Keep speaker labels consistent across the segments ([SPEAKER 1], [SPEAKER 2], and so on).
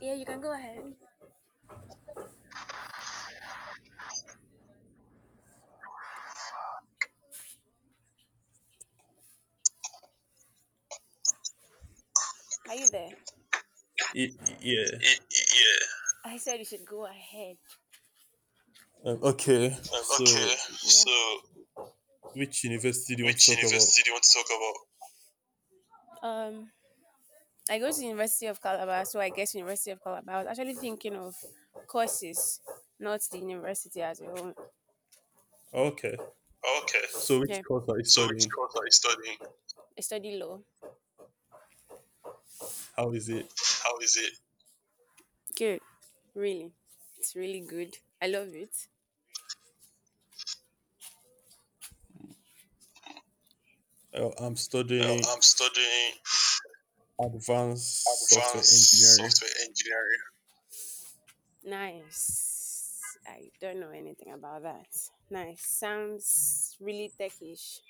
[SPEAKER 1] Yeah, you can go ahead. Are you there?
[SPEAKER 2] Yeah.
[SPEAKER 1] Yeah. I said you should go ahead.
[SPEAKER 2] Um, okay.
[SPEAKER 1] Yeah.
[SPEAKER 2] So,
[SPEAKER 1] So,
[SPEAKER 2] which university do you want to
[SPEAKER 1] which
[SPEAKER 2] talk about?
[SPEAKER 1] university do you want to? I go to the University of Calabar, so I guess University of Calabar. I was actually thinking of courses, not the university as a whole.
[SPEAKER 2] Oh, okay.
[SPEAKER 1] Okay.
[SPEAKER 2] So, which
[SPEAKER 1] Yeah,
[SPEAKER 2] course are you studying?
[SPEAKER 1] I study law.
[SPEAKER 2] How is it?
[SPEAKER 1] How- Good, really. It's really good. I love it.
[SPEAKER 2] I'm studying
[SPEAKER 1] I'm studying
[SPEAKER 2] advanced software engineering.
[SPEAKER 1] software engineering. Nice. I don't know anything about that. Nice. Sounds really techish.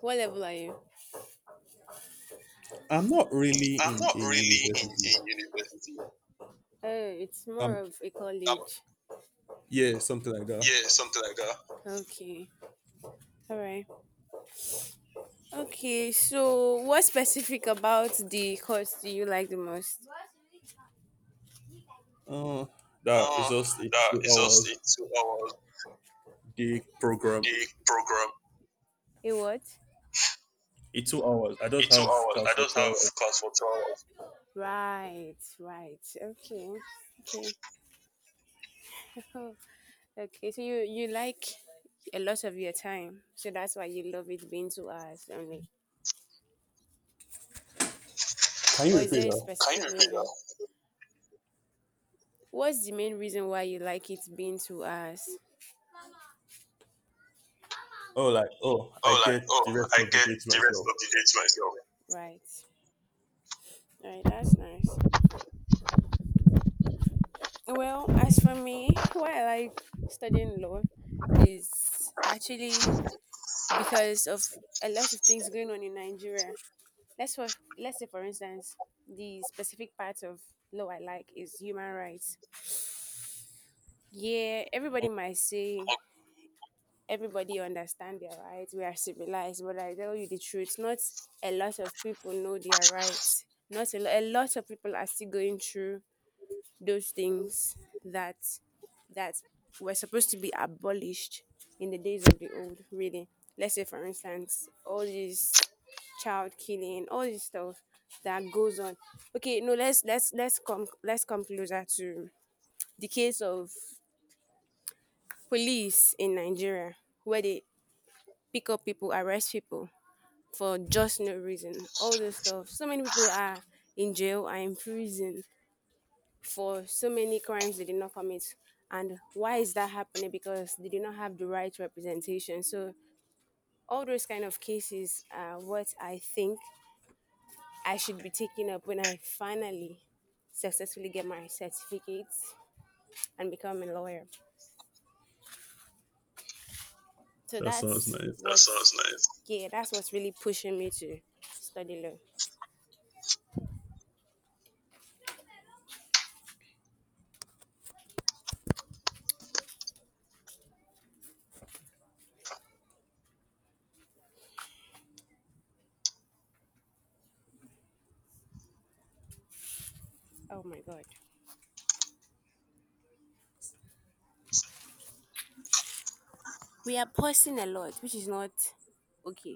[SPEAKER 1] What level are you?
[SPEAKER 2] I'm not really in a
[SPEAKER 1] Really?
[SPEAKER 2] university.
[SPEAKER 1] Oh, it's more
[SPEAKER 2] Um,
[SPEAKER 1] of a college.
[SPEAKER 2] yeah, something like that.
[SPEAKER 1] Okay. All right. Okay. So, what specific about the course do you like the most?
[SPEAKER 2] Uh, that is
[SPEAKER 1] Uh,
[SPEAKER 2] just a
[SPEAKER 1] that
[SPEAKER 2] 2 hour day program.
[SPEAKER 1] the. It what?
[SPEAKER 2] A 2 hours. I just
[SPEAKER 1] It
[SPEAKER 2] have class for two
[SPEAKER 1] took
[SPEAKER 2] hours.
[SPEAKER 1] class for 2 hours. Right. Right. Okay. Okay. Okay. So you like a lot of your time. So that's why you love it being 2 hours only.
[SPEAKER 2] Can you
[SPEAKER 1] Or is
[SPEAKER 2] repeat
[SPEAKER 1] there a Can you?
[SPEAKER 2] that?
[SPEAKER 1] Specific? You? What's the main reason why you like it being 2 hours?
[SPEAKER 2] I
[SPEAKER 1] Oh, like
[SPEAKER 2] get the
[SPEAKER 1] oh,
[SPEAKER 2] rest
[SPEAKER 1] I
[SPEAKER 2] of the
[SPEAKER 1] get
[SPEAKER 2] day to
[SPEAKER 1] the rest
[SPEAKER 2] myself.
[SPEAKER 1] of the day to myself. Right. Right. That's nice. Well, as for me, why I like studying law is actually because of a lot of things going on in Nigeria. Let's for, let's say for instance, the specific part of law I like is human rights. Yeah, everybody might say everybody understand their rights. We are civilized, but I tell you the truth, not a lot of people know their rights. Not a, lo- A lot of people are still going through those things that that were supposed to be abolished in the days of the old. Really, let's say for instance, all these child killing, all this stuff that goes on. Okay, no, let's come closer to the case of police in Nigeria where they pick up people, arrest people for just no reason. All this stuff. So many people are in jail, are in prison for so many crimes they did not commit. And why is that happening? Because they did not have the right representation. So all those kind of cases are what I think I should be taking up when I finally successfully get my certificates and become a lawyer. So
[SPEAKER 2] That sounds
[SPEAKER 1] that's
[SPEAKER 2] nice.
[SPEAKER 1] That what's sounds nice. Yeah, that's what's really pushing me to study law. Oh my god, we are posting a lot, which is not okay.